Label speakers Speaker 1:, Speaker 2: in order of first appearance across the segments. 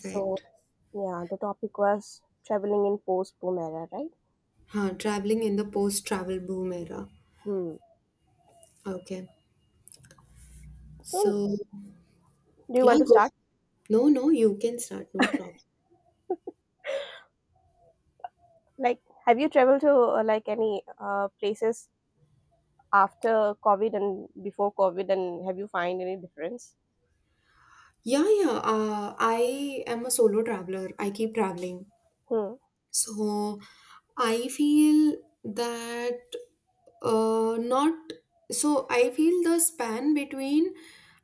Speaker 1: So yeah, the topic was traveling in post-boom era, right?
Speaker 2: Huh, traveling in the post-travel boom era.
Speaker 1: Hmm.
Speaker 2: Okay.
Speaker 1: So
Speaker 2: So,
Speaker 1: do you want
Speaker 2: yeah,
Speaker 1: to
Speaker 2: go.
Speaker 1: start?
Speaker 2: No, no, you can start. No problem.
Speaker 1: Like, have you traveled to like any places after COVID and before COVID, and have you find any difference?
Speaker 2: Yeah, yeah. I am a solo traveler. I keep traveling.
Speaker 1: Hmm.
Speaker 2: So, I feel that not. So, I feel the span between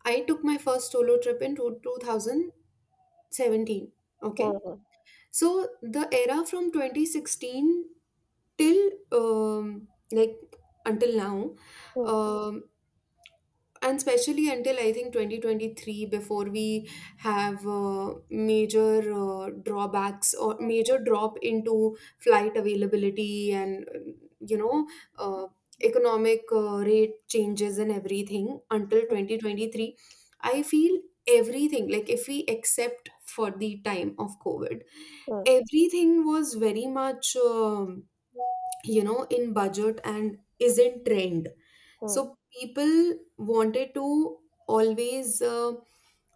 Speaker 2: I took my first solo trip in 2017. Okay.
Speaker 1: Hmm.
Speaker 2: So the era from 2016 till like until now,
Speaker 1: Hmm.
Speaker 2: um, and especially until I think 2023, before we have major drawbacks or major drop into flight availability and you know uh, economic rate changes and everything until 2023, I feel everything, like, if we accept for the time of COVID,
Speaker 1: Hmm.
Speaker 2: everything was very much in budget and is in trend.
Speaker 1: Hmm.
Speaker 2: So people wanted to always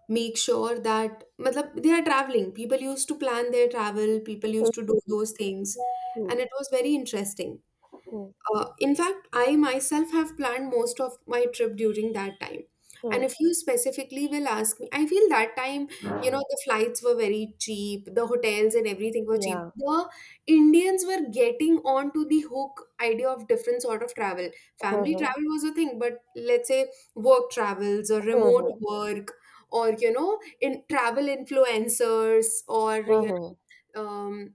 Speaker 2: make sure that matlab, they are traveling. People used to plan their travel, people
Speaker 1: Hmm.
Speaker 2: used to do those things,
Speaker 1: Hmm.
Speaker 2: and it was very interesting.
Speaker 1: Hmm.
Speaker 2: In fact, I myself have planned most of my trip during that time.
Speaker 1: Hmm.
Speaker 2: And if you specifically will ask me, I feel that time,
Speaker 1: Hmm.
Speaker 2: the flights were very cheap, the hotels and everything were cheap.
Speaker 1: Yeah.
Speaker 2: The Indians were getting onto the hook idea of different sort of travel. Family
Speaker 1: Mm-hmm.
Speaker 2: travel was a thing, but let's say work travels or remote
Speaker 1: Mm-hmm.
Speaker 2: work or, in travel influencers or,
Speaker 1: Mm-hmm.
Speaker 2: know, um,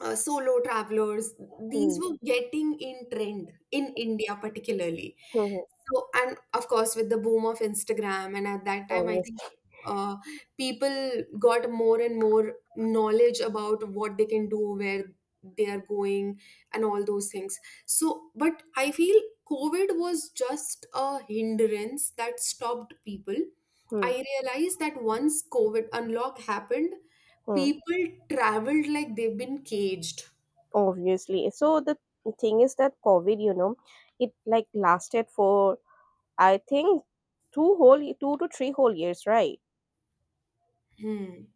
Speaker 2: solo travelers, these were getting in trend in India particularly.
Speaker 1: Mm-hmm.
Speaker 2: So, and of course with the boom of Instagram, and at that time I think
Speaker 1: Obviously.
Speaker 2: uh, people got more and more knowledge about what they can do, where they are going, and all those things. So but I feel COVID was just a hindrance that stopped people. I realized that once COVID unlock happened,
Speaker 1: Mm-hmm.
Speaker 2: people traveled like they've been caged.
Speaker 1: Obviously. So the thing is that COVID, you know, it like lasted for I think two to three whole years, right?
Speaker 2: Hmm.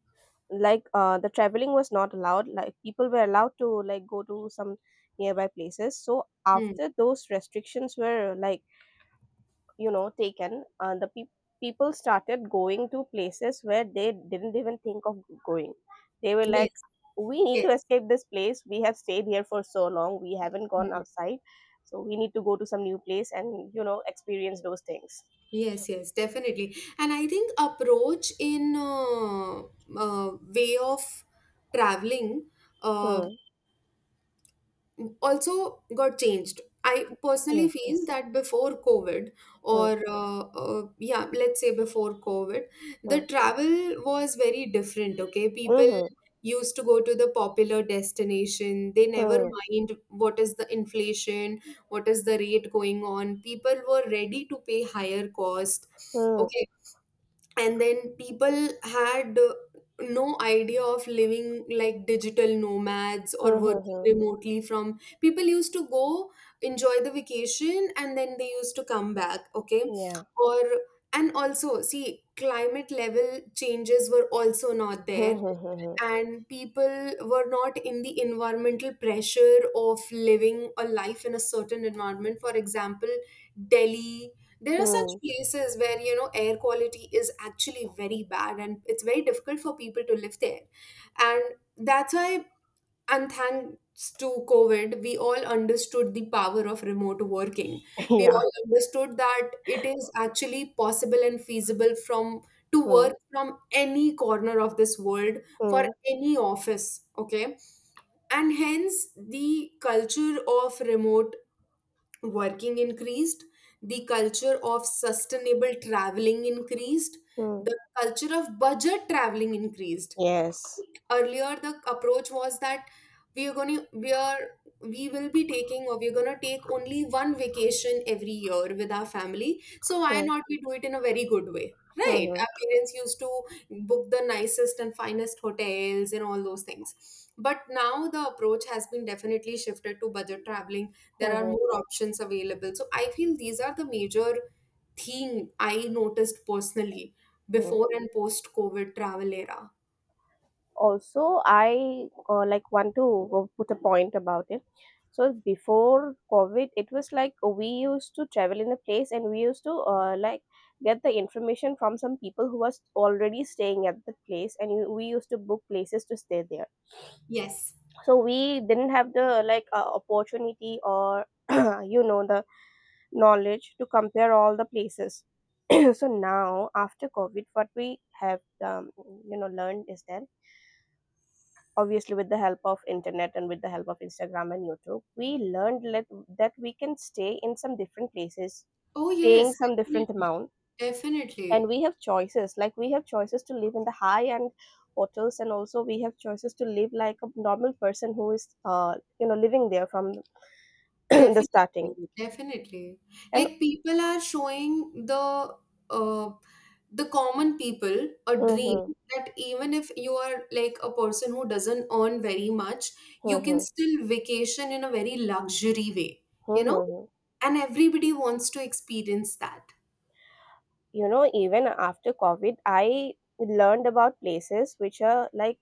Speaker 1: Like the traveling was not allowed. Like people were allowed to like go to some nearby places. So
Speaker 2: Hmm.
Speaker 1: after those restrictions were like you know taken, the people started going to places where they didn't even think of going. They were like,
Speaker 2: Yes,
Speaker 1: we need
Speaker 2: yes.
Speaker 1: to escape this place. We have stayed here for so long. We haven't gone
Speaker 2: Hmm.
Speaker 1: outside. So we need to go to some new place and you know experience those things.
Speaker 2: Yes, yes, definitely. And I think approach in uh, way of traveling, uh,
Speaker 1: Hmm.
Speaker 2: also got changed. I personally
Speaker 1: Yes.
Speaker 2: feel
Speaker 1: Yes.
Speaker 2: that before COVID,
Speaker 1: Hmm.
Speaker 2: or yeah, let's say before COVID, the
Speaker 1: Hmm.
Speaker 2: travel was very different. Okay, people
Speaker 1: Mhm,
Speaker 2: used to go to the popular destination. They never
Speaker 1: hmm,
Speaker 2: mind what is the inflation, what is the rate going on. People were ready to pay higher cost.
Speaker 1: hmm,
Speaker 2: Okay, and then people had no idea of living like digital nomads or
Speaker 1: hmm, hmm,
Speaker 2: working
Speaker 1: hmm.
Speaker 2: remotely. From People used to go enjoy the vacation and then they used to come back, okay,
Speaker 1: Yeah.
Speaker 2: or. And also see, climate level changes were also not
Speaker 1: Hmm,
Speaker 2: there,
Speaker 1: hmm, hmm,
Speaker 2: and people were not in the environmental pressure of living a life in a certain environment, for example Delhi. There
Speaker 1: hmm,
Speaker 2: are such
Speaker 1: hmm.
Speaker 2: places where, air quality is actually very bad, and it's very difficult for people to live there. And that's why, and thanks to COVID, we all understood the power of remote working. We
Speaker 1: Yeah.
Speaker 2: all understood that it is actually possible and feasible from to
Speaker 1: Hmm,
Speaker 2: work from any corner of this world for
Speaker 1: hmm,
Speaker 2: any office, okay? And hence the culture of remote working increased, the culture of sustainable traveling increased,
Speaker 1: hmm.
Speaker 2: the culture of budget traveling increased.
Speaker 1: Yes.
Speaker 2: Earlier the approach was that we are going to, we are, we will be taking, or we're going to take only one vacation every year with our family, so why
Speaker 1: Hmm,
Speaker 2: not we do it in a very good way,
Speaker 1: hmm,
Speaker 2: right?
Speaker 1: hmm,
Speaker 2: Our parents used to book the nicest and finest hotels and all those things, but now the approach has been definitely shifted to budget traveling.
Speaker 1: hmm,
Speaker 2: There are
Speaker 1: hmm,
Speaker 2: more options available, so I feel these are the major thing I noticed personally
Speaker 1: hmm.
Speaker 2: before and post COVID travel era.
Speaker 1: Also, I like want to go put a point about it. So before COVID, it was like we used to travel in a place and we used to like get the information from some people who was already staying at the place, and you, we used to book places to stay there,
Speaker 2: Yes.
Speaker 1: so we didn't have the like opportunity or you know the knowledge to compare all the places. So now after COVID what we have um, you know learned is that obviously, with the help of internet and with the help of Instagram and YouTube, we learned that we can stay in some different places
Speaker 2: Oh
Speaker 1: paying
Speaker 2: yes,
Speaker 1: some different
Speaker 2: definitely,
Speaker 1: amount, and we have choices like we have choices to live in the high end hotels, and also we have choices to live like a normal person who is you know living there from the
Speaker 2: definitely,
Speaker 1: starting.
Speaker 2: definitely, definitely.
Speaker 1: And
Speaker 2: Like, people are showing the uh, the common people a dream
Speaker 1: mhm,
Speaker 2: that even if you are like a person who doesn't earn very much, you can
Speaker 1: mhm,
Speaker 2: still vacation in a very luxury way, you know?
Speaker 1: mhm.
Speaker 2: And everybody wants to experience that.
Speaker 1: You know, even after COVID I learned about places which are like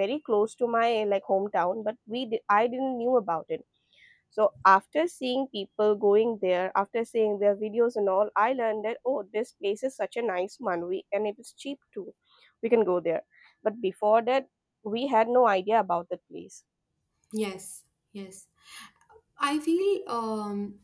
Speaker 1: very close to my like hometown, but I didn't knew about it. So after seeing people going there, after seeing their videos and all, I learned that oh, this place is such a nice one, we and it is cheap too, we can go there. But before that, we had no idea about the place.
Speaker 2: Yes, yes. I feel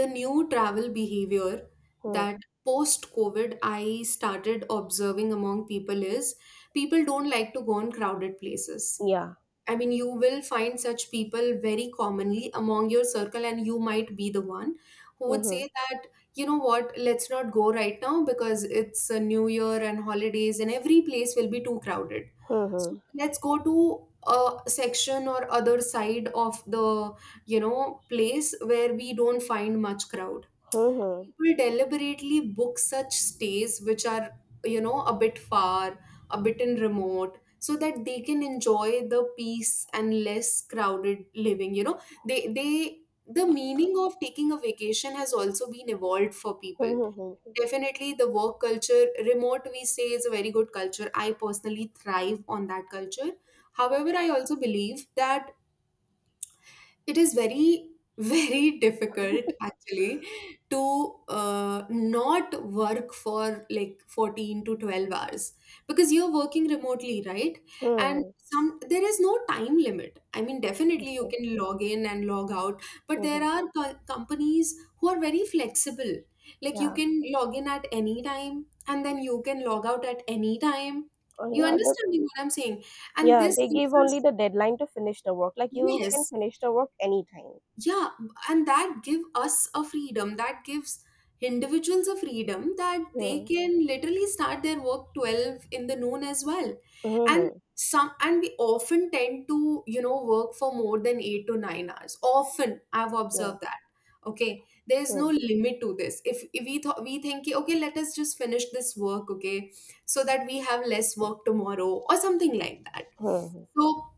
Speaker 2: the new travel behavior
Speaker 1: Hmm.
Speaker 2: that post COVID I started observing among people is people don't like to go in crowded places.
Speaker 1: Yeah.
Speaker 2: I mean, you will find such people very commonly among your circle, and you might be the one who would
Speaker 1: Mm-hmm.
Speaker 2: say that, you know what, let's not go right now because it's a new year and holidays, and every place will be too crowded. So
Speaker 1: Mm-hmm.
Speaker 2: let's go to a section or other side of the, place where we don't find much crowd. People deliberately book such stays which are, a bit far, a bit in remote, so that they can enjoy the peace and less crowded living, The meaning of taking a vacation has also been evolved for people.
Speaker 1: Mm-hmm.
Speaker 2: Definitely, the work culture remote, we say, is a very good culture. I personally thrive on that culture. However, I also believe that it is very, very difficult actually to not work for like 14 to 12 hours, because you're working remotely, right? And
Speaker 1: Mhm.
Speaker 2: some, there is no time limit. I mean,
Speaker 1: I
Speaker 2: definitely you
Speaker 1: see.
Speaker 2: can log in and log out, but there
Speaker 1: Mhm.
Speaker 2: are companies who are very flexible. Like, you
Speaker 1: Yeah.
Speaker 2: can log in at any time and then you can log out at any time.
Speaker 1: Oh,
Speaker 2: You
Speaker 1: yeah. The,
Speaker 2: understand what I'm saying? And
Speaker 1: yeah.
Speaker 2: this
Speaker 1: They
Speaker 2: gives
Speaker 1: give only
Speaker 2: us,
Speaker 1: the deadline to finish the work. Like you can
Speaker 2: yes,
Speaker 1: finish the work anytime.
Speaker 2: yeah, and that give us a freedom, that gives individuals a freedom, that they
Speaker 1: Mm.
Speaker 2: can literally start their work 12 in the noon as well. And
Speaker 1: Mm-hmm.
Speaker 2: some, and we often tend to, work for more than 8 to 9 hours often, I've
Speaker 1: Yeah.
Speaker 2: observed that. Okay, there's no
Speaker 1: Mm.
Speaker 2: limit to this. If we think, let us just finish this work, okay, so that we have less work tomorrow or something like that.
Speaker 1: Mhm.
Speaker 2: So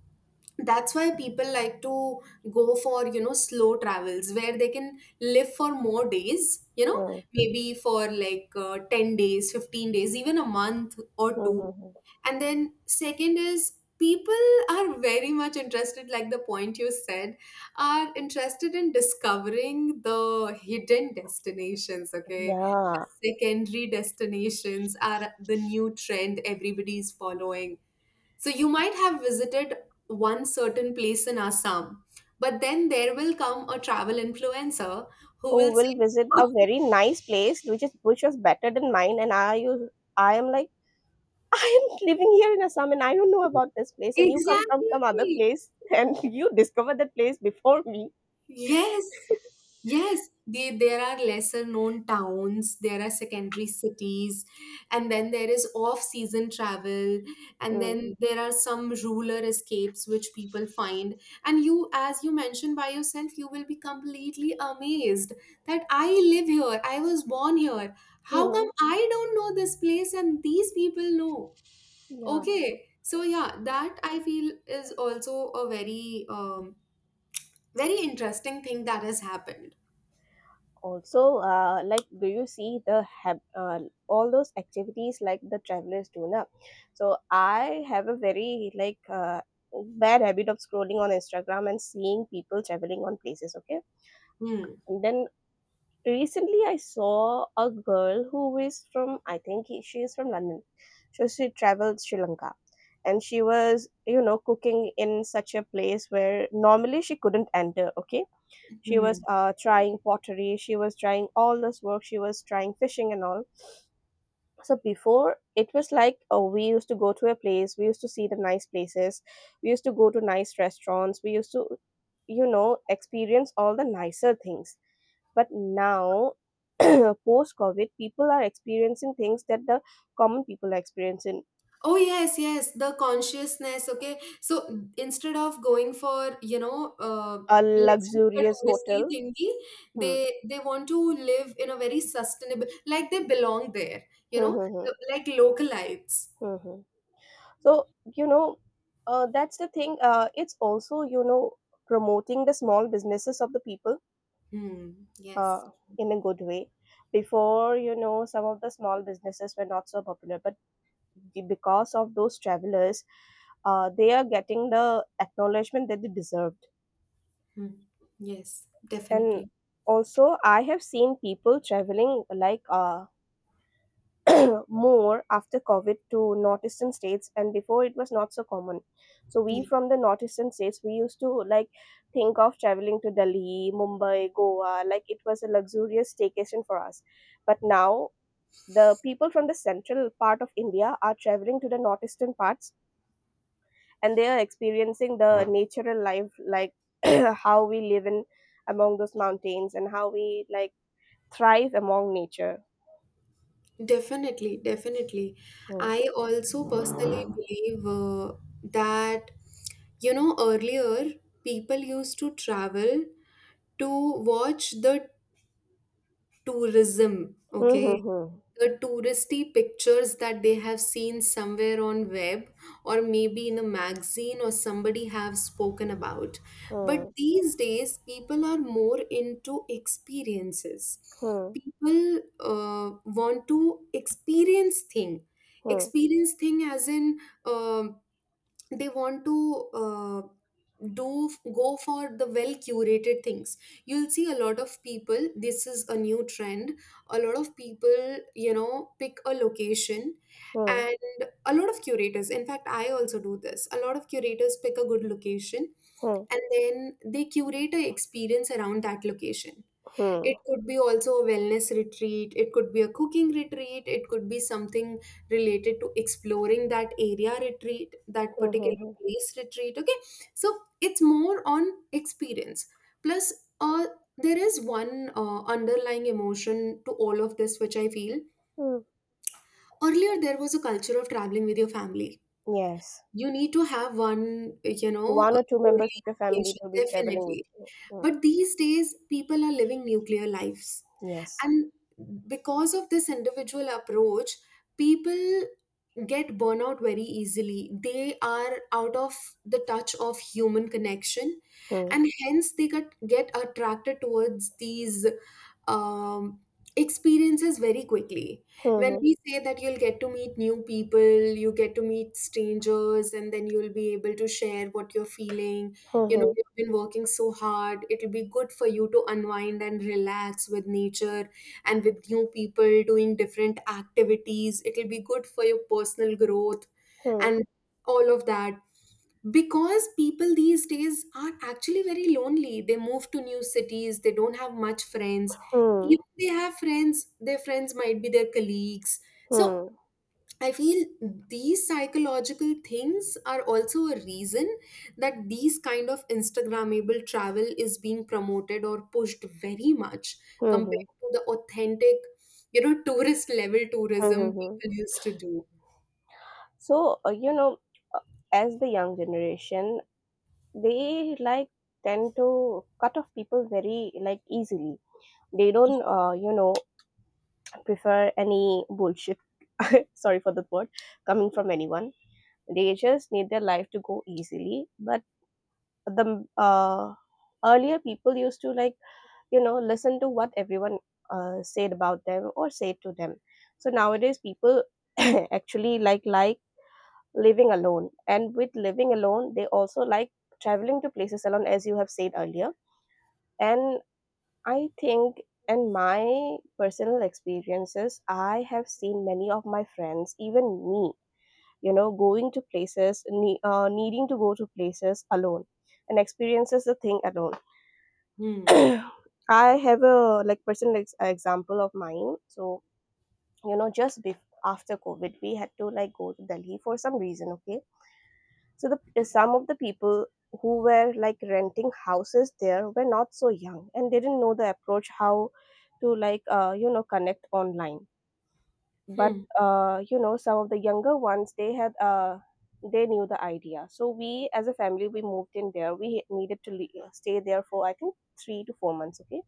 Speaker 2: that's why people like to go for slow travels where they can live for more days,
Speaker 1: Mm.
Speaker 2: maybe for like 10 days, 15 days, even a month or two.
Speaker 1: Mhm.
Speaker 2: And then second is, people are very much interested, like the point you said, are interested in discovering the hidden destinations, okay.
Speaker 1: Yeah.
Speaker 2: The secondary destinations are the new trend everybody is following. So you might have visited one certain place in Assam, but then there will come a travel influencer who
Speaker 1: Who
Speaker 2: will
Speaker 1: will
Speaker 2: say,
Speaker 1: visit
Speaker 2: "Oh,"
Speaker 1: a very nice place, which is which was better than mine, and I you I am like I am living here in Assam and I don't know about this place, and you come from some other
Speaker 2: Exactly.
Speaker 1: place and you discover that place before me.
Speaker 2: Yes. Yes, there are lesser known towns, there are secondary cities, and then there is off season travel, and
Speaker 1: Mm.
Speaker 2: then there are some ruler escapes which people find. And you, as you mentioned by yourself, you will be completely amazed that I live here, I was born here. How
Speaker 1: Mm.
Speaker 2: come I don't know this place and these people know?
Speaker 1: Yeah.
Speaker 2: Okay, so yeah, that I feel is also a very, very interesting thing that has happened.
Speaker 1: Also like do you see the all those activities like the travelers do now. So I have a very like bad habit of scrolling on Instagram and seeing people traveling on places, okay.
Speaker 2: Hmm.
Speaker 1: And then recently I saw a girl who is from I think she is from London. So she traveled Sri Lanka, and she was you know cooking in such a place where normally she couldn't enter, okay. She was
Speaker 2: Hmm.
Speaker 1: trying pottery, she was trying all this work, she was trying fishing and all. So before it was like, oh, we used to go to a place, we used to see the nice places, we used to go to nice restaurants, we used to you know experience all the nicer things. But now post COVID people are experiencing things that the common people are experiencing.
Speaker 2: Oh yes, yes, the consciousness. Okay, so instead of going for,
Speaker 1: A
Speaker 2: let's do the
Speaker 1: luxurious
Speaker 2: touristy
Speaker 1: hotel.
Speaker 2: thingy,
Speaker 1: Hmm.
Speaker 2: they want to live in a very sustainable, like they belong there.
Speaker 1: Hmm, hmm, hmm,
Speaker 2: Like localites.
Speaker 1: hmm, hmm. So you know that's the thing. Uh, it's also you know promoting the small businesses of the people
Speaker 2: Hmm.
Speaker 1: uh,
Speaker 2: Yes.
Speaker 1: in a good way. Before you know some of the small businesses were not so popular, but because of those travelers they are getting the acknowledgement that they deserved.
Speaker 2: Hmm. Yes.
Speaker 1: And
Speaker 2: Definitely.
Speaker 1: also I have seen people traveling like more after COVID to northeastern states, and before it was not so common. So we
Speaker 2: Mm.
Speaker 1: from the northeastern states, we used to like think of traveling to Delhi, Mumbai, Goa, like it was a luxurious staycation for us. But now the people from the central part of India are traveling to the northeastern parts, and they are experiencing the natural life, like how we live in among those mountains and how we like thrive among nature.
Speaker 2: Definitely, definitely.
Speaker 1: Hmm.
Speaker 2: I also personally believe that, earlier people used to travel to watch the tourism,
Speaker 1: Hmm, hmm,
Speaker 2: okay?
Speaker 1: hmm,
Speaker 2: The touristy pictures that they have seen somewhere on web, or maybe in a magazine, or somebody have spoken about. But
Speaker 1: hmm,
Speaker 2: these days, people are more into experiences.
Speaker 1: hmm,
Speaker 2: People want to experience thing.
Speaker 1: hmm.
Speaker 2: Experience thing as in um they want to do go for the well curated things. You'll see a lot of people, this is a new trend, a lot of people, pick a location.
Speaker 1: Hmm,
Speaker 2: And a lot of curators, in fact I also do this, a lot of curators pick a good location,
Speaker 1: hmm,
Speaker 2: and then they curate a experience around that location.
Speaker 1: hmm,
Speaker 2: It could be also a wellness retreat, it could be a cooking retreat, it could be something related to exploring that area retreat, that
Speaker 1: hmm, hmm,
Speaker 2: particular
Speaker 1: hmm.
Speaker 2: place retreat. Okay, so it's more on experience. Plus, uh, there is one underlying emotion to all of this, which I feel
Speaker 1: Hmm.
Speaker 2: earlier there was a culture of traveling with your family.
Speaker 1: Yes.
Speaker 2: You need to have one,
Speaker 1: One or two members
Speaker 2: yearly
Speaker 1: of your family
Speaker 2: vacation,
Speaker 1: to be traveling with
Speaker 2: definitely.
Speaker 1: you. Hmm.
Speaker 2: But these days, people are living nuclear lives.
Speaker 1: Yes.
Speaker 2: And because of this individual approach, people get burnout very easily. They are out of the touch of human connection,
Speaker 1: Hmm.
Speaker 2: and hence they get attracted towards these um, experiences very quickly. When
Speaker 1: Hmm.
Speaker 2: we say that you'll get to meet new people, you get to meet strangers, and then you'll be able to share what you're feeling. You know,
Speaker 1: Hmm.
Speaker 2: you've been working so hard, it'll be good for you to unwind and relax with nature and with new people doing different activities. It'll be good for your personal growth
Speaker 1: Hmm.
Speaker 2: and all of that, because people these days are actually very lonely. They move to new cities, they don't have much friends.
Speaker 1: Hmm.
Speaker 2: Even they have friends, their friends might be their colleagues.
Speaker 1: Hmm.
Speaker 2: So
Speaker 1: Hmm.
Speaker 2: I feel these psychological things are also a reason that these kind of Instagrammable travel is being promoted or pushed very much
Speaker 1: Hmm. Hmm.
Speaker 2: compared to the authentic, you know, tourist level
Speaker 1: Hmm. Hmm.
Speaker 2: tourism
Speaker 1: Hmm. Hmm.
Speaker 2: people used to do.
Speaker 1: So you know, as the young generation, they like tend to cut off people very like easily. They don't, you know, prefer any bullshit. Sorry for the word coming from anyone. They just need their life to go easily, but the earlier people used to like you know listen to what everyone said about them or said to them. So nowadays people actually like living alone, and with living alone they also like traveling to places alone as you have said earlier. And I think in my personal experiences I have seen many of my friends, even me, you know going to places needing to go to places alone and experiences the thing alone.
Speaker 2: Hmm.
Speaker 1: I have a like example of mine. So you know, just after COVID, we had to like go to Delhi for some reason. Okay, so the some of the people who were like renting houses there were not so young and didn't know the approach how to like you know connect online. But
Speaker 2: Hmm.
Speaker 1: you know, some of the younger ones they had they knew the idea. So we as a family we moved in there. We needed to stay there for I think 3 to 4 months. Okay.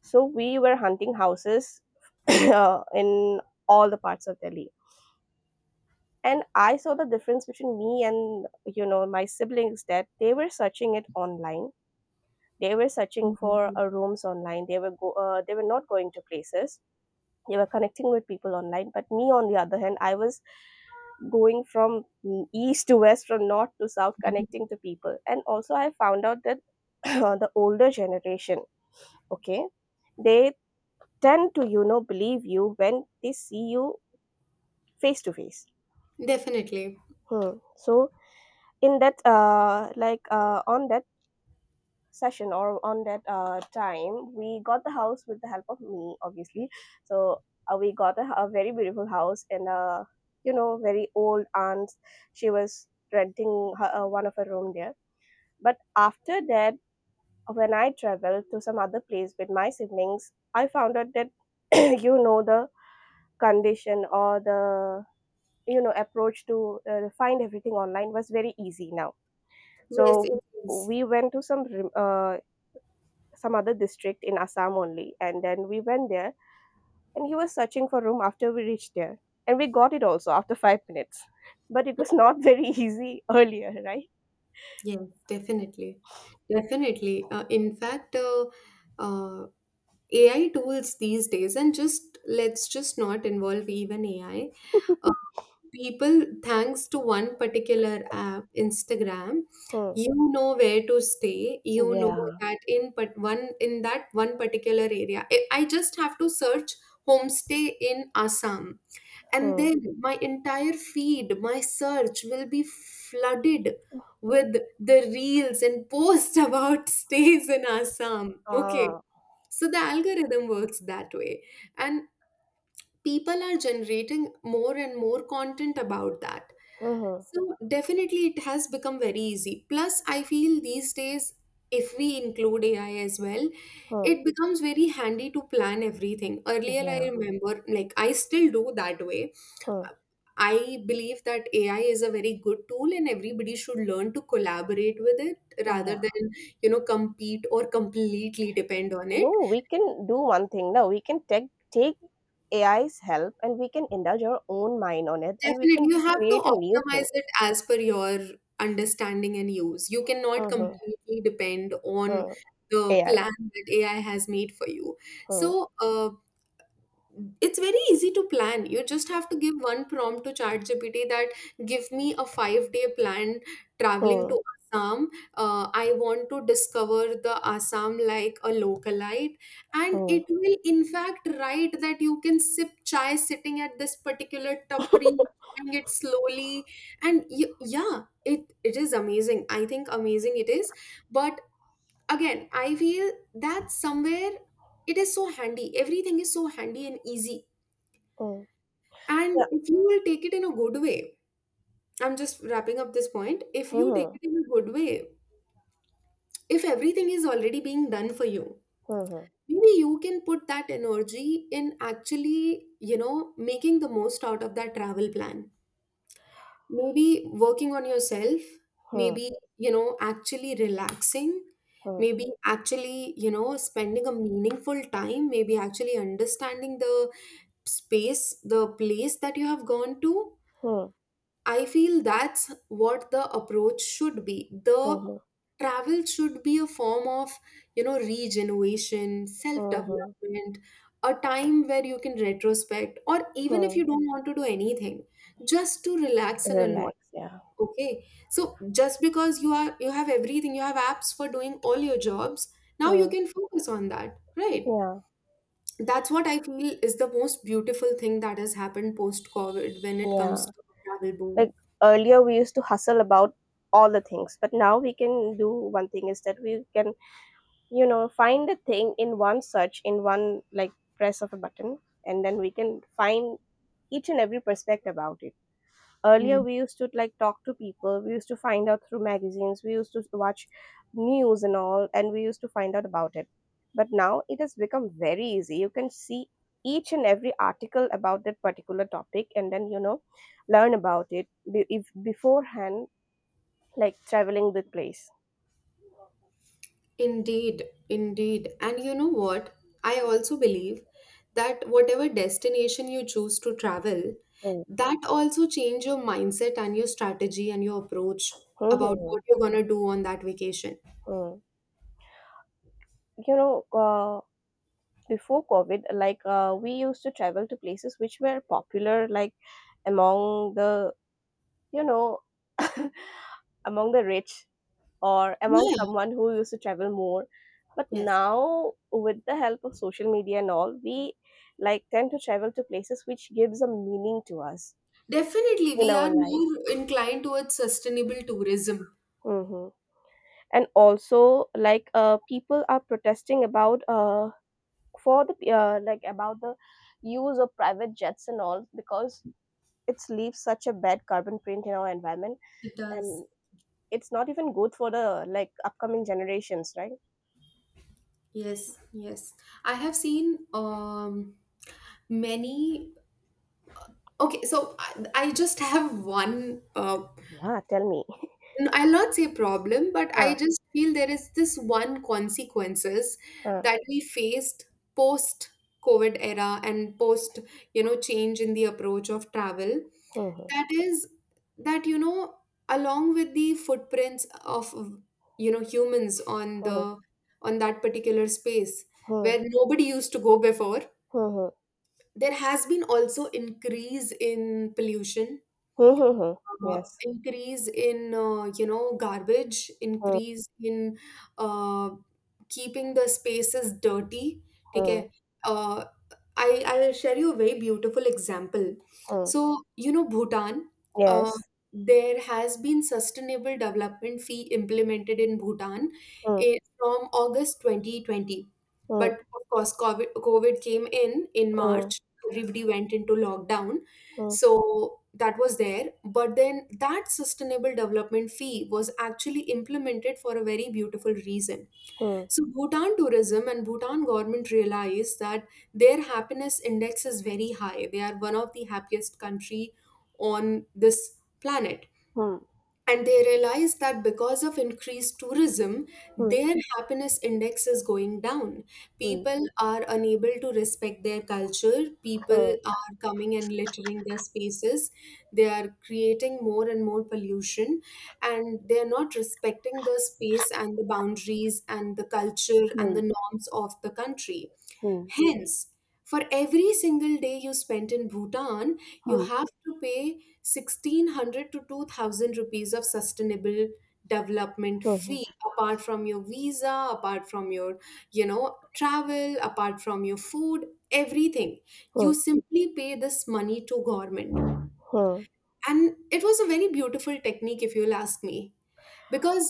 Speaker 1: So we were hunting houses in all the parts of Delhi. And I saw the difference between me and you know my siblings, that they were searching it online. They were searching for
Speaker 2: Hmm.
Speaker 1: rooms online. They were they were not going to places. They were connecting with people online. But me, on the other hand, I was going from east to west, from north to south, connecting to people. And also, I found out that the older generation, okay, they tend to you know believe you when they see you face to face.
Speaker 2: Definitely.
Speaker 1: Hmm. So in that like on that session or on that time we got the house with the help of me, obviously. So we got a very beautiful house, and you know very old aunt. She was renting her, one of her room there. But after that, when I traveled to some other place with my siblings, I found out that you know the condition or the you know approach to find everything online was very easy now.
Speaker 2: Yes,
Speaker 1: So
Speaker 2: it is.
Speaker 1: we went to some some other district in Assam only, and then we went there and he was searching for room after we reached there, and we got it also after 5 minutes. But it was not very easy earlier, right?
Speaker 2: Yes, definitely. Definitely. In fact, uh, AI tools these days, and just let's just not involve even AI, people, thanks to one particular app, Instagram,
Speaker 1: Hmm.
Speaker 2: you know where to stay, you know
Speaker 1: Yeah.
Speaker 2: that in but one in that one particular area I just have to search homestay in Assam, and
Speaker 1: Hmm.
Speaker 2: then my entire feed, my search will be flooded with the reels and posts about stays in Assam. Okay,
Speaker 1: Ah.
Speaker 2: so the algorithm works that way, and people are generating more and more content about that.
Speaker 1: Hmm.
Speaker 2: So definitely it has become very easy. Plus, I feel these days, if we include AI as well,
Speaker 1: Hmm.
Speaker 2: it becomes very handy to plan everything. Earlier, I
Speaker 1: Yeah.
Speaker 2: remember, like, I still do that way.
Speaker 1: Hmm.
Speaker 2: I believe that AI is a very good tool and everybody should learn to collaborate with it rather
Speaker 1: Yeah.
Speaker 2: than, you know, compete or completely depend on it.
Speaker 1: No, we can do one thing. No, we can take AI's help and we can indulge our own mind on it and we
Speaker 2: Definitely,
Speaker 1: can
Speaker 2: you have to
Speaker 1: create a new thing.
Speaker 2: optimize it as per your understanding and use. You cannot
Speaker 1: Mm-hmm.
Speaker 2: completely depend on
Speaker 1: Hmm.
Speaker 2: the
Speaker 1: AI.
Speaker 2: plan that AI has made for you.
Speaker 1: Hmm.
Speaker 2: So it's very easy to plan. You just have to give one prompt to ChatGPT that give me a 5-day plan traveling
Speaker 1: Hmm.
Speaker 2: to Assam. I want to discover the Assam like a localite, and
Speaker 1: Hmm.
Speaker 2: it will in fact write that you can sip chai sitting at this particular tapri enjoying it slowly. And yeah, it is amazing, I think, amazing it is. But again I feel that somewhere it is so handy, everything is so handy and easy,
Speaker 1: Hmm.
Speaker 2: and
Speaker 1: Yeah.
Speaker 2: if you will take it in a good way, I'm just wrapping up this point. If you take
Speaker 1: Hmm.
Speaker 2: it in a good way, if everything is already being done for you,
Speaker 1: Hmm.
Speaker 2: maybe you can put that energy in actually, you know, making the most out of that travel plan. Maybe working on yourself,
Speaker 1: Hmm.
Speaker 2: maybe, you know, actually relaxing,
Speaker 1: Hmm.
Speaker 2: maybe actually, you know, spending a meaningful time, maybe actually understanding the space, the place that you have gone to.
Speaker 1: Hmm.
Speaker 2: I feel that's what the approach should be.
Speaker 1: Hmm.
Speaker 2: The
Speaker 1: Hmm. Hmm.
Speaker 2: travel should be a form of, you know, regeneration, self
Speaker 1: Hmm. Hmm.
Speaker 2: development, a time where you can retrospect, or even if
Speaker 1: Hmm.
Speaker 2: you don't want to do anything, just to relax and unwind.
Speaker 1: Relax. Yeah.
Speaker 2: Okay. So just because you have everything, you have apps for doing all your jobs, now you
Speaker 1: Hmm.
Speaker 2: can focus on that, right?
Speaker 1: Yeah.
Speaker 2: That's what I feel is the most beautiful thing that has happened post COVID when it
Speaker 1: Yeah.
Speaker 2: comes to travel
Speaker 1: Like
Speaker 2: boom.
Speaker 1: earlier, we used to hustle about all the things, but now we can do one thing is that we can you know find a thing in one search, in one like press of a button, and then we can find each and every perspective about it. Earlier
Speaker 2: Hmm.
Speaker 1: we used to like talk to people, we used to find out through magazines, we used to watch news and all, and we used to find out about it. But now it has become very easy, you can see each and every article about that particular topic and then you know learn about it if beforehand like traveling the place.
Speaker 2: Indeed, indeed. And you know what? I also believe that whatever destination you choose to travel,
Speaker 1: Mm.
Speaker 2: that also change your mindset and your strategy and your approach about
Speaker 1: Mhm.
Speaker 2: what you're going to do on that vacation.
Speaker 1: Mm. You know, uh, Before COVID, we used to travel to places which were popular, like among the, you know, among the rich or among
Speaker 2: Yeah.
Speaker 1: someone who used to travel more. But
Speaker 2: Yes.
Speaker 1: now, with the help of social media and all, we like tend to travel to places which gives a meaning to us
Speaker 2: Definitely,
Speaker 1: in
Speaker 2: we
Speaker 1: our
Speaker 2: are
Speaker 1: life.
Speaker 2: more inclined towards sustainable tourism.
Speaker 1: hmm and also people are protesting about for the like about the use of private jets and all because it leaves such a bad carbon print in our environment,
Speaker 2: It
Speaker 1: and
Speaker 2: does.
Speaker 1: it's not even good for the like upcoming generations, right?
Speaker 2: Yes. Yes, I have seen many. Okay, so I just have one
Speaker 1: Yeah, tell me.
Speaker 2: I'll not say problem, but I
Speaker 1: huh,
Speaker 2: just feel there is this one consequences
Speaker 1: huh.
Speaker 2: that we faced post COVID era and post, you know, change in the approach of travel.
Speaker 1: Hmm, hmm,
Speaker 2: That is that, you know, along with the footprints of, you know, humans on
Speaker 1: hmm,
Speaker 2: the on that particular space
Speaker 1: hmm,
Speaker 2: where nobody used to go before,
Speaker 1: hmm, hmm,
Speaker 2: there has been also increase in pollution,
Speaker 1: hmm, hmm. hmm. Yes.
Speaker 2: increase in you know garbage,
Speaker 1: Hmm,
Speaker 2: increase in uh, keeping the spaces dirty. ठीक है.
Speaker 1: hmm,
Speaker 2: I'll share you a very beautiful example.
Speaker 1: hmm.
Speaker 2: So, you know, Bhutan, uh,
Speaker 1: Yes.
Speaker 2: there has been sustainable development fee implemented in Bhutan
Speaker 1: Hmm,
Speaker 2: from August 2020.
Speaker 1: hmm,
Speaker 2: But of course, COVID came in
Speaker 1: hmm,
Speaker 2: March. Everybody went into lockdown.
Speaker 1: hmm,
Speaker 2: So that was there. But then that sustainable development fee was actually implemented for a very beautiful reason.
Speaker 1: hmm,
Speaker 2: So Bhutan tourism and Bhutan government realized that their happiness index is very high. They are one of the happiest country on this planet,
Speaker 1: hmm,
Speaker 2: and they realize that because of increased tourism,
Speaker 1: hmm,
Speaker 2: their happiness index is going down.
Speaker 1: hmm,
Speaker 2: People are unable to respect their culture.
Speaker 1: hmm,
Speaker 2: People are coming and littering their spaces. They are creating more and more pollution, and they are not respecting the space and the boundaries and the culture
Speaker 1: hmm,
Speaker 2: and
Speaker 1: hmm,
Speaker 2: the norms of the country. Hence, for every single day you spent in Bhutan, you
Speaker 1: hmm,
Speaker 2: have to pay 1600 to 2000 rupees of sustainable development
Speaker 1: hmm. hmm.
Speaker 2: fee, apart from your visa, apart from your, you know, travel, apart from your food, everything.
Speaker 1: Hmm.
Speaker 2: You simply pay this money to government.
Speaker 1: Hmm.
Speaker 2: And it was a very beautiful technique if you'll ask me, because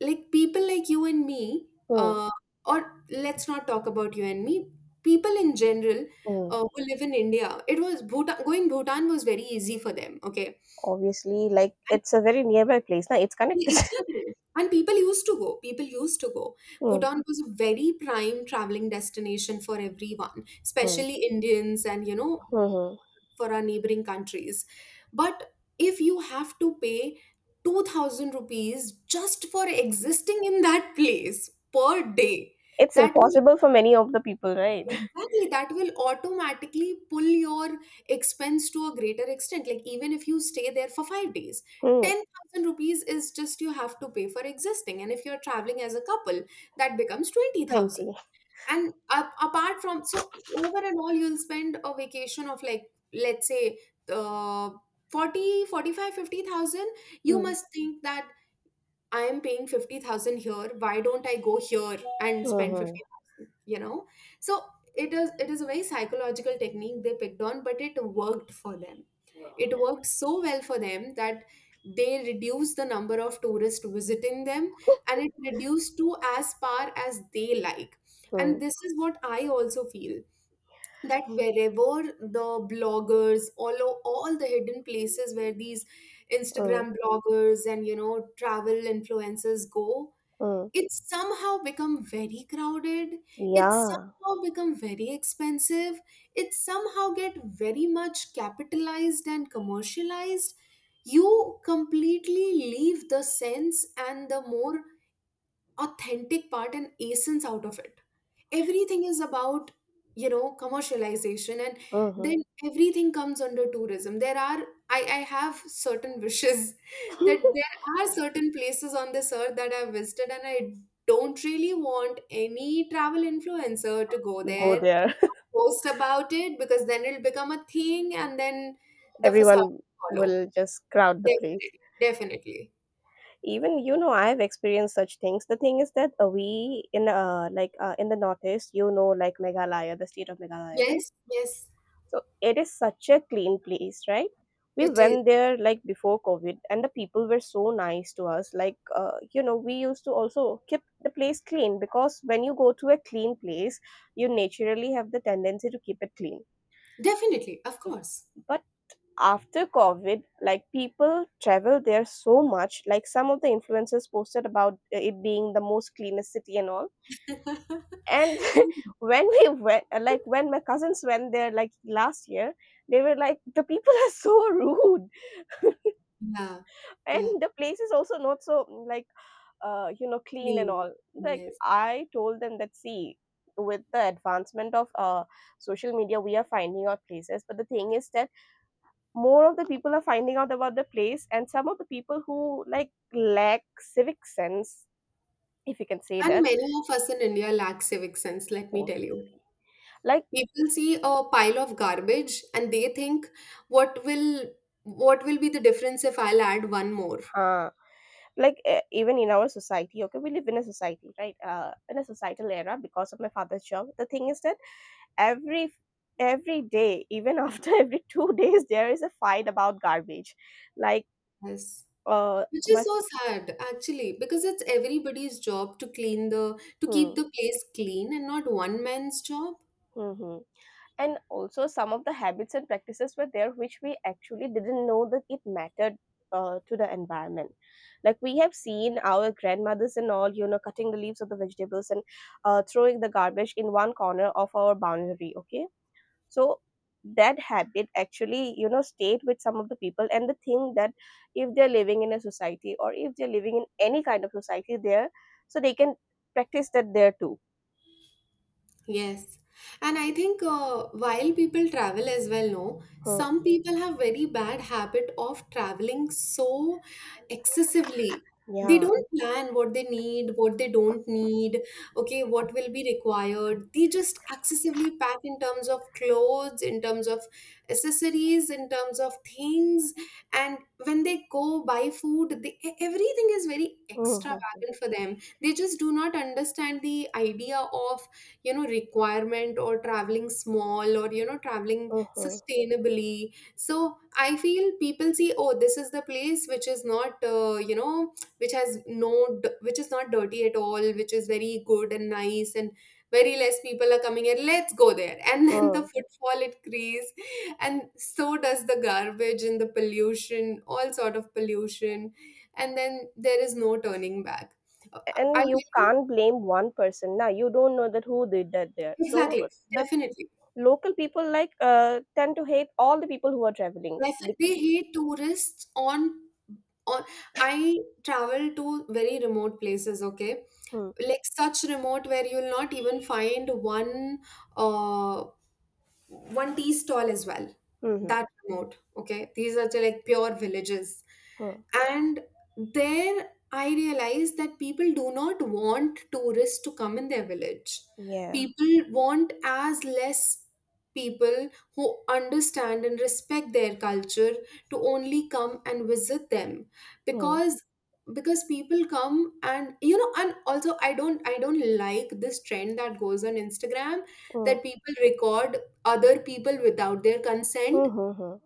Speaker 2: like people like you and me,
Speaker 1: Hmm.
Speaker 2: uh, or let's not talk about you and me, people in general,
Speaker 1: Hmm.
Speaker 2: who live in India, it was bhutan, going Bhutan was very easy for them. Okay,
Speaker 1: Obviously, like it's a very nearby place. Now it's connected.
Speaker 2: exactly. And people used to go.
Speaker 1: Hmm.
Speaker 2: Bhutan was a very prime traveling destination for everyone,
Speaker 1: Hmm.
Speaker 2: especially Indians, and you know,
Speaker 1: Hmm. Hmm.
Speaker 2: for our neighboring countries. But if you have to pay 2000 rupees just for existing in that place per day,
Speaker 1: It's
Speaker 2: that will,
Speaker 1: impossible for many of the people, right?
Speaker 2: exactly, that will automatically pull your expense to a greater extent. Like even if you stay there for 5 days,
Speaker 1: Hmm.
Speaker 2: 10,000 rupees is just you have to pay for existing. And if you're traveling as a couple, that becomes 20,000
Speaker 1: 20.
Speaker 2: and up, apart from so over and all. You'll spend a vacation of like let's say uh 40, 45, 50,000. You
Speaker 1: Hmm.
Speaker 2: must think that I am paying 50,000 here, why don't I go here and spend
Speaker 1: Hmm.
Speaker 2: 50,000, you know. So it is a very psychological technique they picked on, but it worked for them. It worked so well for them that they reduced the number of tourists visiting them,
Speaker 1: Hmm.
Speaker 2: and it reduced to as far as they like.
Speaker 1: Hmm.
Speaker 2: And this is what I also feel, that wherever the bloggers, all all the hidden places where these
Speaker 1: Hmm.
Speaker 2: Instagram bloggers and you know travel influencers go,
Speaker 1: Hmm.
Speaker 2: it's somehow become very crowded, it's
Speaker 1: Yeah.
Speaker 2: somehow become very expensive, it somehow get very much capitalized and commercialized. You completely leave the sense and the more authentic part and essence out of it. Everything is about, you know, commercialization, and
Speaker 1: Hmm.
Speaker 2: then everything comes under tourism. There are, I have certain wishes that there are certain places on this earth that I've visited and I don't really want any travel influencer to go
Speaker 1: Go
Speaker 2: there,
Speaker 1: there.
Speaker 2: post about it because then it'll become a thing and then the facade
Speaker 1: Everyone
Speaker 2: will follow.
Speaker 1: will just crowd the place.
Speaker 2: Definitely, definitely.
Speaker 1: Even you know, I've experienced such things. The thing is that we in like in the northeast, you know, like Meghalaya, the state of Meghalaya, right?
Speaker 2: Yes, yes,
Speaker 1: So it is such a clean place, right? We
Speaker 2: it is.
Speaker 1: went there like before COVID, and the people were so nice to us. Like, you know, we used to also keep the place clean because when you go to a clean place, you naturally have the tendency to keep it clean.
Speaker 2: Definitely, of course.
Speaker 1: But after COVID, like people travel there so much. Like some of the influencers posted about it being the most cleanest city and all, and when we went like when my cousins went there like last year, they were like the people are so rude.
Speaker 2: Yeah, yeah,
Speaker 1: And the place is also not so like you know clean and
Speaker 2: clean.
Speaker 1: all, like
Speaker 2: Yes.
Speaker 1: I told them that see, with the advancement of social media we are finding out places, but the thing is that more of the people are finding out about the place and some of the people who like lack civic sense, if you can say
Speaker 2: And
Speaker 1: that.
Speaker 2: many of us in India lack civic sense, let me tell
Speaker 1: Obviously.
Speaker 2: you.
Speaker 1: like
Speaker 2: People see a pile of garbage and they think, what will what will be the difference if I'll add one more?
Speaker 1: huh like even in our society, okay, we live in a society, right, in a societal era because of my father's job. The thing is that every every day, even after every 2 days there is a fight about garbage, like
Speaker 2: Yes. Which is
Speaker 1: my
Speaker 2: so sad, actually, because it's everybody's job to clean the to
Speaker 1: hmm,
Speaker 2: keep
Speaker 1: hmm
Speaker 2: the place clean and not one man's job.
Speaker 1: mm-hmm. And also some of the habits and practices were there which we actually didn't know that it mattered to the environment. Like we have seen our grandmothers and all, you know, cutting the leaves of the vegetables and throwing the garbage in one corner of our boundary, okay. So that habit actually, you know, stayed with some of the people, and the thing that if they're living in a society or if they're living in any kind of society there, so they can practice that there too.
Speaker 2: Yes. And I think while people travel as well, no,
Speaker 1: Hmm.
Speaker 2: some people have very bad habit of traveling so excessively. They
Speaker 1: Yeah.
Speaker 2: don't plan what they need, what they don't need, okay, what will be required. They just excessively pack in terms of clothes, in terms of accessories, in terms of things. And when they go buy food, they, everything is very
Speaker 1: hmm
Speaker 2: extravagant for them. They just do not understand the idea of, you know, requirement, or traveling small, or you know, traveling
Speaker 1: hmm
Speaker 2: sustainably. So I feel people see, oh, this is the place which is not, you know, which has no, which is not dirty at all, which is very good and nice, and very less people are coming here, let's go there, and then the
Speaker 1: hmm
Speaker 2: footfall it creates, and so does the garbage and the pollution, all sort of pollution, and then there is no turning back. Uh, I
Speaker 1: and you
Speaker 2: tell you,
Speaker 1: can't blame one person now. You don't know that who did that there. So
Speaker 2: exactly,
Speaker 1: the
Speaker 2: definitely.
Speaker 1: local people like tend to hate all the people who are traveling. Bec-
Speaker 2: Definitely, he tourists on. I travel to very remote places. Okay,
Speaker 1: Hmm.
Speaker 2: like such remote where you'll not even find one uh one tea stall as well,
Speaker 1: Mhm.
Speaker 2: that remote. Okay, these are the, like, pure villages,
Speaker 1: Hmm.
Speaker 2: and there I realized that people do not want tourists to come in their village.
Speaker 1: Yeah.
Speaker 2: People want as less people who understand and respect their culture to only come and visit them.
Speaker 1: Hmm. Yeah. Hmm.
Speaker 2: Because people come and you know, and also I don't like this trend that goes on Instagram,
Speaker 1: Hmm.
Speaker 2: that people record other people without their
Speaker 1: Hmm.
Speaker 2: consent.
Speaker 1: Hmm.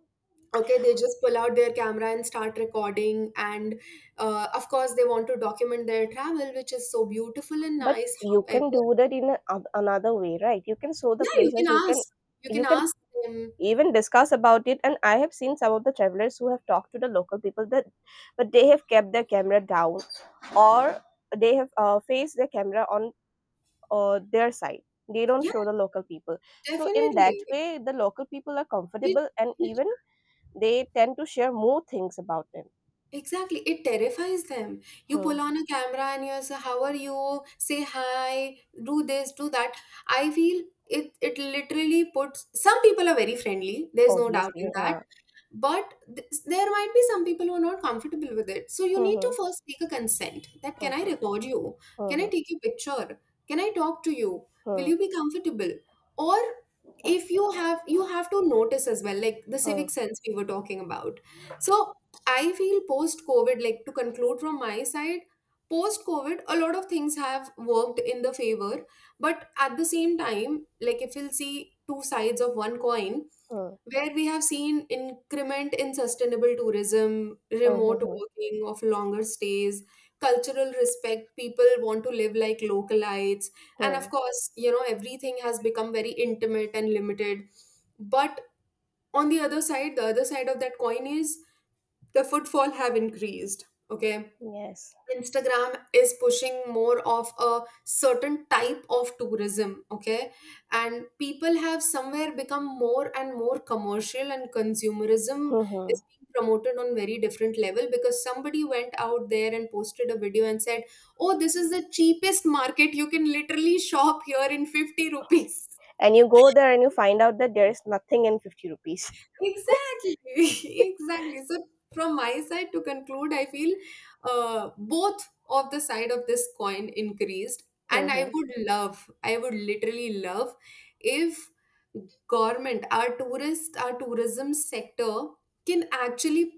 Speaker 2: Okay, they just pull out their camera and start recording, and of course they want to document their travel, which is so beautiful and
Speaker 1: But
Speaker 2: nice,
Speaker 1: you can
Speaker 2: however.
Speaker 1: do that in a, another way, right? You can show the
Speaker 2: Yeah, you can
Speaker 1: places.
Speaker 2: ask, you
Speaker 1: You
Speaker 2: can
Speaker 1: can
Speaker 2: ask them.
Speaker 1: even discuss about it. And I have seen some of the travelers who have talked to the local people that, but they have kept their camera down, or they have faced their camera on their side. They don't
Speaker 2: Yeah,
Speaker 1: show the local people. So in that
Speaker 2: definitely.
Speaker 1: way, the local people are
Speaker 2: it,
Speaker 1: comfortable, and
Speaker 2: it
Speaker 1: even they tend to share more things about them.
Speaker 2: exactly, it terrifies them. You
Speaker 1: Hmm.
Speaker 2: pull on a camera and you're so, how are you, say hi, do this, do that. I feel it literally puts, some people are very friendly, there's no doubt in
Speaker 1: Obviously,
Speaker 2: that, but there might be some people who are not comfortable with it, so you
Speaker 1: hmm,
Speaker 2: need to
Speaker 1: hmm,
Speaker 2: first take a consent that, can I
Speaker 1: obviously.
Speaker 2: record you, can I
Speaker 1: Hmm,
Speaker 2: take your picture, can I talk to you, will
Speaker 1: hmm,
Speaker 2: you be comfortable? Or if you have, you have to notice as well, like the
Speaker 1: hmm,
Speaker 2: civic sense we were talking about. So I feel post covid, like, to conclude from my side, post covid a lot of things have worked in the favor, but at the same time, like, if you'll see two sides of one coin,
Speaker 1: hmm,
Speaker 2: where we have seen increment in sustainable tourism,
Speaker 1: hmm, hmm,
Speaker 2: remote
Speaker 1: hmm,
Speaker 2: working of longer stays, cultural respect, people want to live like localites, and
Speaker 1: hmm.
Speaker 2: of course, you know, everything has become very intimate and limited. But on the other side of that coin is the footfall have increased. Okay.
Speaker 1: Yes.
Speaker 2: Instagram is pushing more of a certain type of tourism, okay? And people have somewhere become more and more commercial, and consumerism
Speaker 1: Mhm.
Speaker 2: is being promoted on very different level, because somebody went out there and posted a video and said, "Oh, this is the cheapest market. You can literally shop here in 50 rupees."
Speaker 1: And you go there and you find out that there is nothing in 50 rupees.
Speaker 2: Exactly, exactly. So from my side to conclude, I feel both of the side of this coin increased, and I
Speaker 1: Mhm.
Speaker 2: would love, I would literally love if government, our tourist, our tourism sector can actually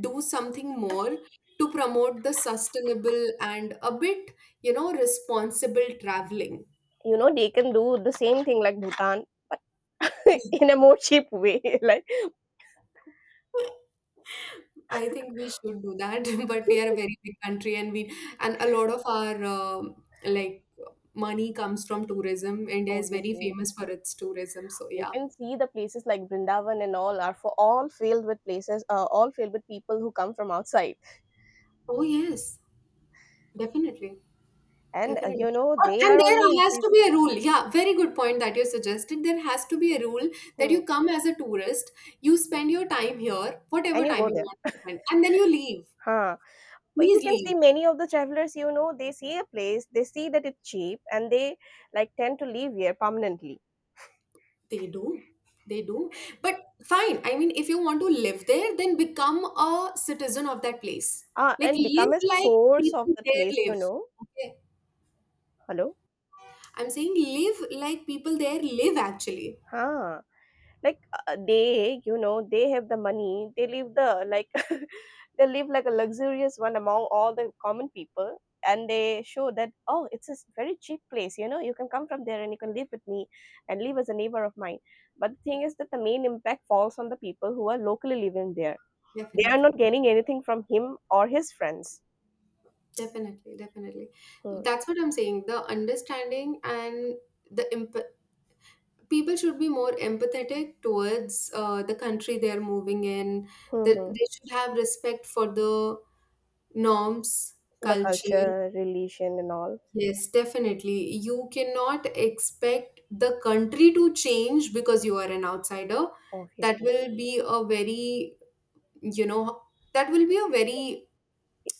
Speaker 2: do something more to promote the sustainable and a bit, you know, responsible traveling.
Speaker 1: You know, they can do the same thing like Bhutan in a more cheap way. Like,
Speaker 2: I think we should do that, but we are a very big country, and we, and a lot of our like money comes from tourism. India is very
Speaker 1: obviously,
Speaker 2: famous for its tourism, so
Speaker 1: you
Speaker 2: yeah.
Speaker 1: can see the places like Brindavan and all are for all filled with places, all filled with people who come from outside.
Speaker 2: Oh yes, definitely,
Speaker 1: And,
Speaker 2: definitely.
Speaker 1: you know,
Speaker 2: Oh,
Speaker 1: they
Speaker 2: and
Speaker 1: are only
Speaker 2: there has to
Speaker 1: increasing.
Speaker 2: be a rule. Yeah, very good point that you suggested. There has to be a rule that
Speaker 1: Hmm.
Speaker 2: you come as a tourist, you spend your time here, whatever
Speaker 1: And you
Speaker 2: time
Speaker 1: go
Speaker 2: you
Speaker 1: there.
Speaker 2: want to spend, and then you leave.
Speaker 1: Huh. But you
Speaker 2: Please
Speaker 1: can see
Speaker 2: leave.
Speaker 1: many of the travelers, you know, they see a place, they see that it's cheap, and they like tend to live here permanently.
Speaker 2: They do. They do. But fine. I mean, if you want to live there, then become a citizen of that place.
Speaker 1: Ah,
Speaker 2: Like,
Speaker 1: and become
Speaker 2: live
Speaker 1: a
Speaker 2: like
Speaker 1: source of
Speaker 2: people
Speaker 1: the
Speaker 2: there
Speaker 1: place, you
Speaker 2: live.
Speaker 1: know.
Speaker 2: Okay.
Speaker 1: Hello?
Speaker 2: I'm saying live like people there live, actually.
Speaker 1: Huh. Like they, you know, they have the money. They live the like they live like a luxurious one among all the common people. And they show that, oh, it's a very cheap place, you know. You can come from there and you can live with me and live as a neighbor of mine. But the thing is that the main impact falls on the people who are locally living there. They are
Speaker 2: Definitely.
Speaker 1: not gaining anything from him or his friends.
Speaker 2: Definitely. Definitely.
Speaker 1: Hmm.
Speaker 2: That's what I'm saying. The understanding and the imp- people should be more empathetic towards the country they're moving in.
Speaker 1: hmm
Speaker 2: That
Speaker 1: hmm.
Speaker 2: they should have respect for the norms,
Speaker 1: The
Speaker 2: culture.
Speaker 1: culture, religion, and all.
Speaker 2: Yes, definitely. You cannot expect the country to change because you are an outsider. That
Speaker 1: Obviously.
Speaker 2: will be a very, you know, that will be a very,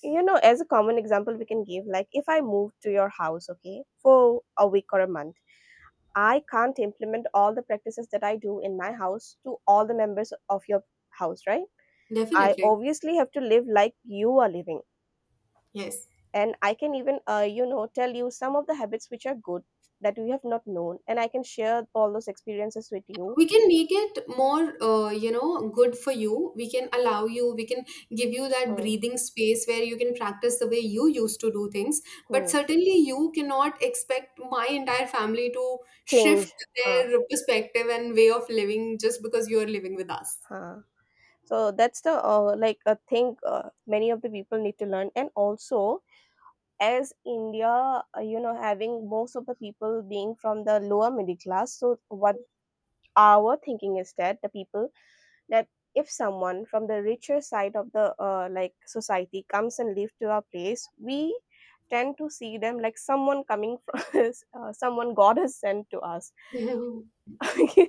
Speaker 1: You know, as a common example we can give, like if I move to your house, okay, for a week or a month, I can't implement all the practices that I do in my house to all the members of your house, right? I
Speaker 2: definitely.
Speaker 1: obviously have to live like you are living,
Speaker 2: Yes.
Speaker 1: and I can even you know, tell you some of the habits which are good that you have not known, and I can share all those experiences with you.
Speaker 2: We can make it more, you know, good for you. We can allow you, we can give you that
Speaker 1: Mm.
Speaker 2: breathing space where you can practice the way you used to do things. But
Speaker 1: Hmm.
Speaker 2: certainly, you cannot expect my entire family to shift
Speaker 1: Change. huh,
Speaker 2: their perspective and way of living just because you are living with us.
Speaker 1: huh. So that's the like a thing, many of the people need to learn. And also, as India, you know, having most of the people being from the lower middle class, so what our thinking is that the people that if someone from the richer side of the like society comes and live to our place, we tend to see them like someone coming from someone God has sent to us.
Speaker 2: Okay.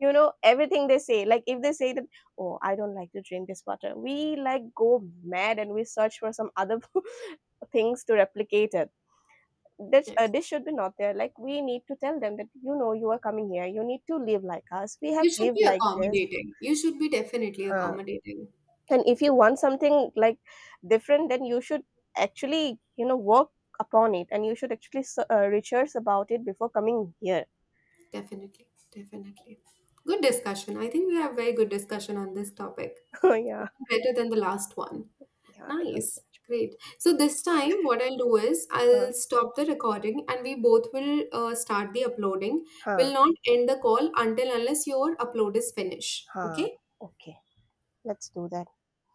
Speaker 1: You know, everything they say, like if they say that, oh, I don't like to drink this water, we like go mad and we search for some other things to replicate it.
Speaker 2: Yes.
Speaker 1: This should be not there, like we need to tell them that you know you are coming here, you need to live like us, we have
Speaker 2: You should
Speaker 1: lived
Speaker 2: be
Speaker 1: like this.
Speaker 2: accommodating. You should be definitely
Speaker 1: Huh.
Speaker 2: accommodating.
Speaker 1: And if you want something like different, then you should actually, you know, work upon it, and you should actually research about it before coming here.
Speaker 2: Definitely. Definitely. Good discussion. I think we have very good discussion on this topic.
Speaker 1: Yeah.
Speaker 2: Even better than the last one.
Speaker 1: Yeah, it was
Speaker 2: Nice.
Speaker 1: much.
Speaker 2: Great. So this time what I'll do is
Speaker 1: huh
Speaker 2: I'll stop the recording and we both will start the uploading.
Speaker 1: huh
Speaker 2: We'll not end the call until unless your upload is finished.
Speaker 1: huh
Speaker 2: Okay?
Speaker 1: okay, let's do that.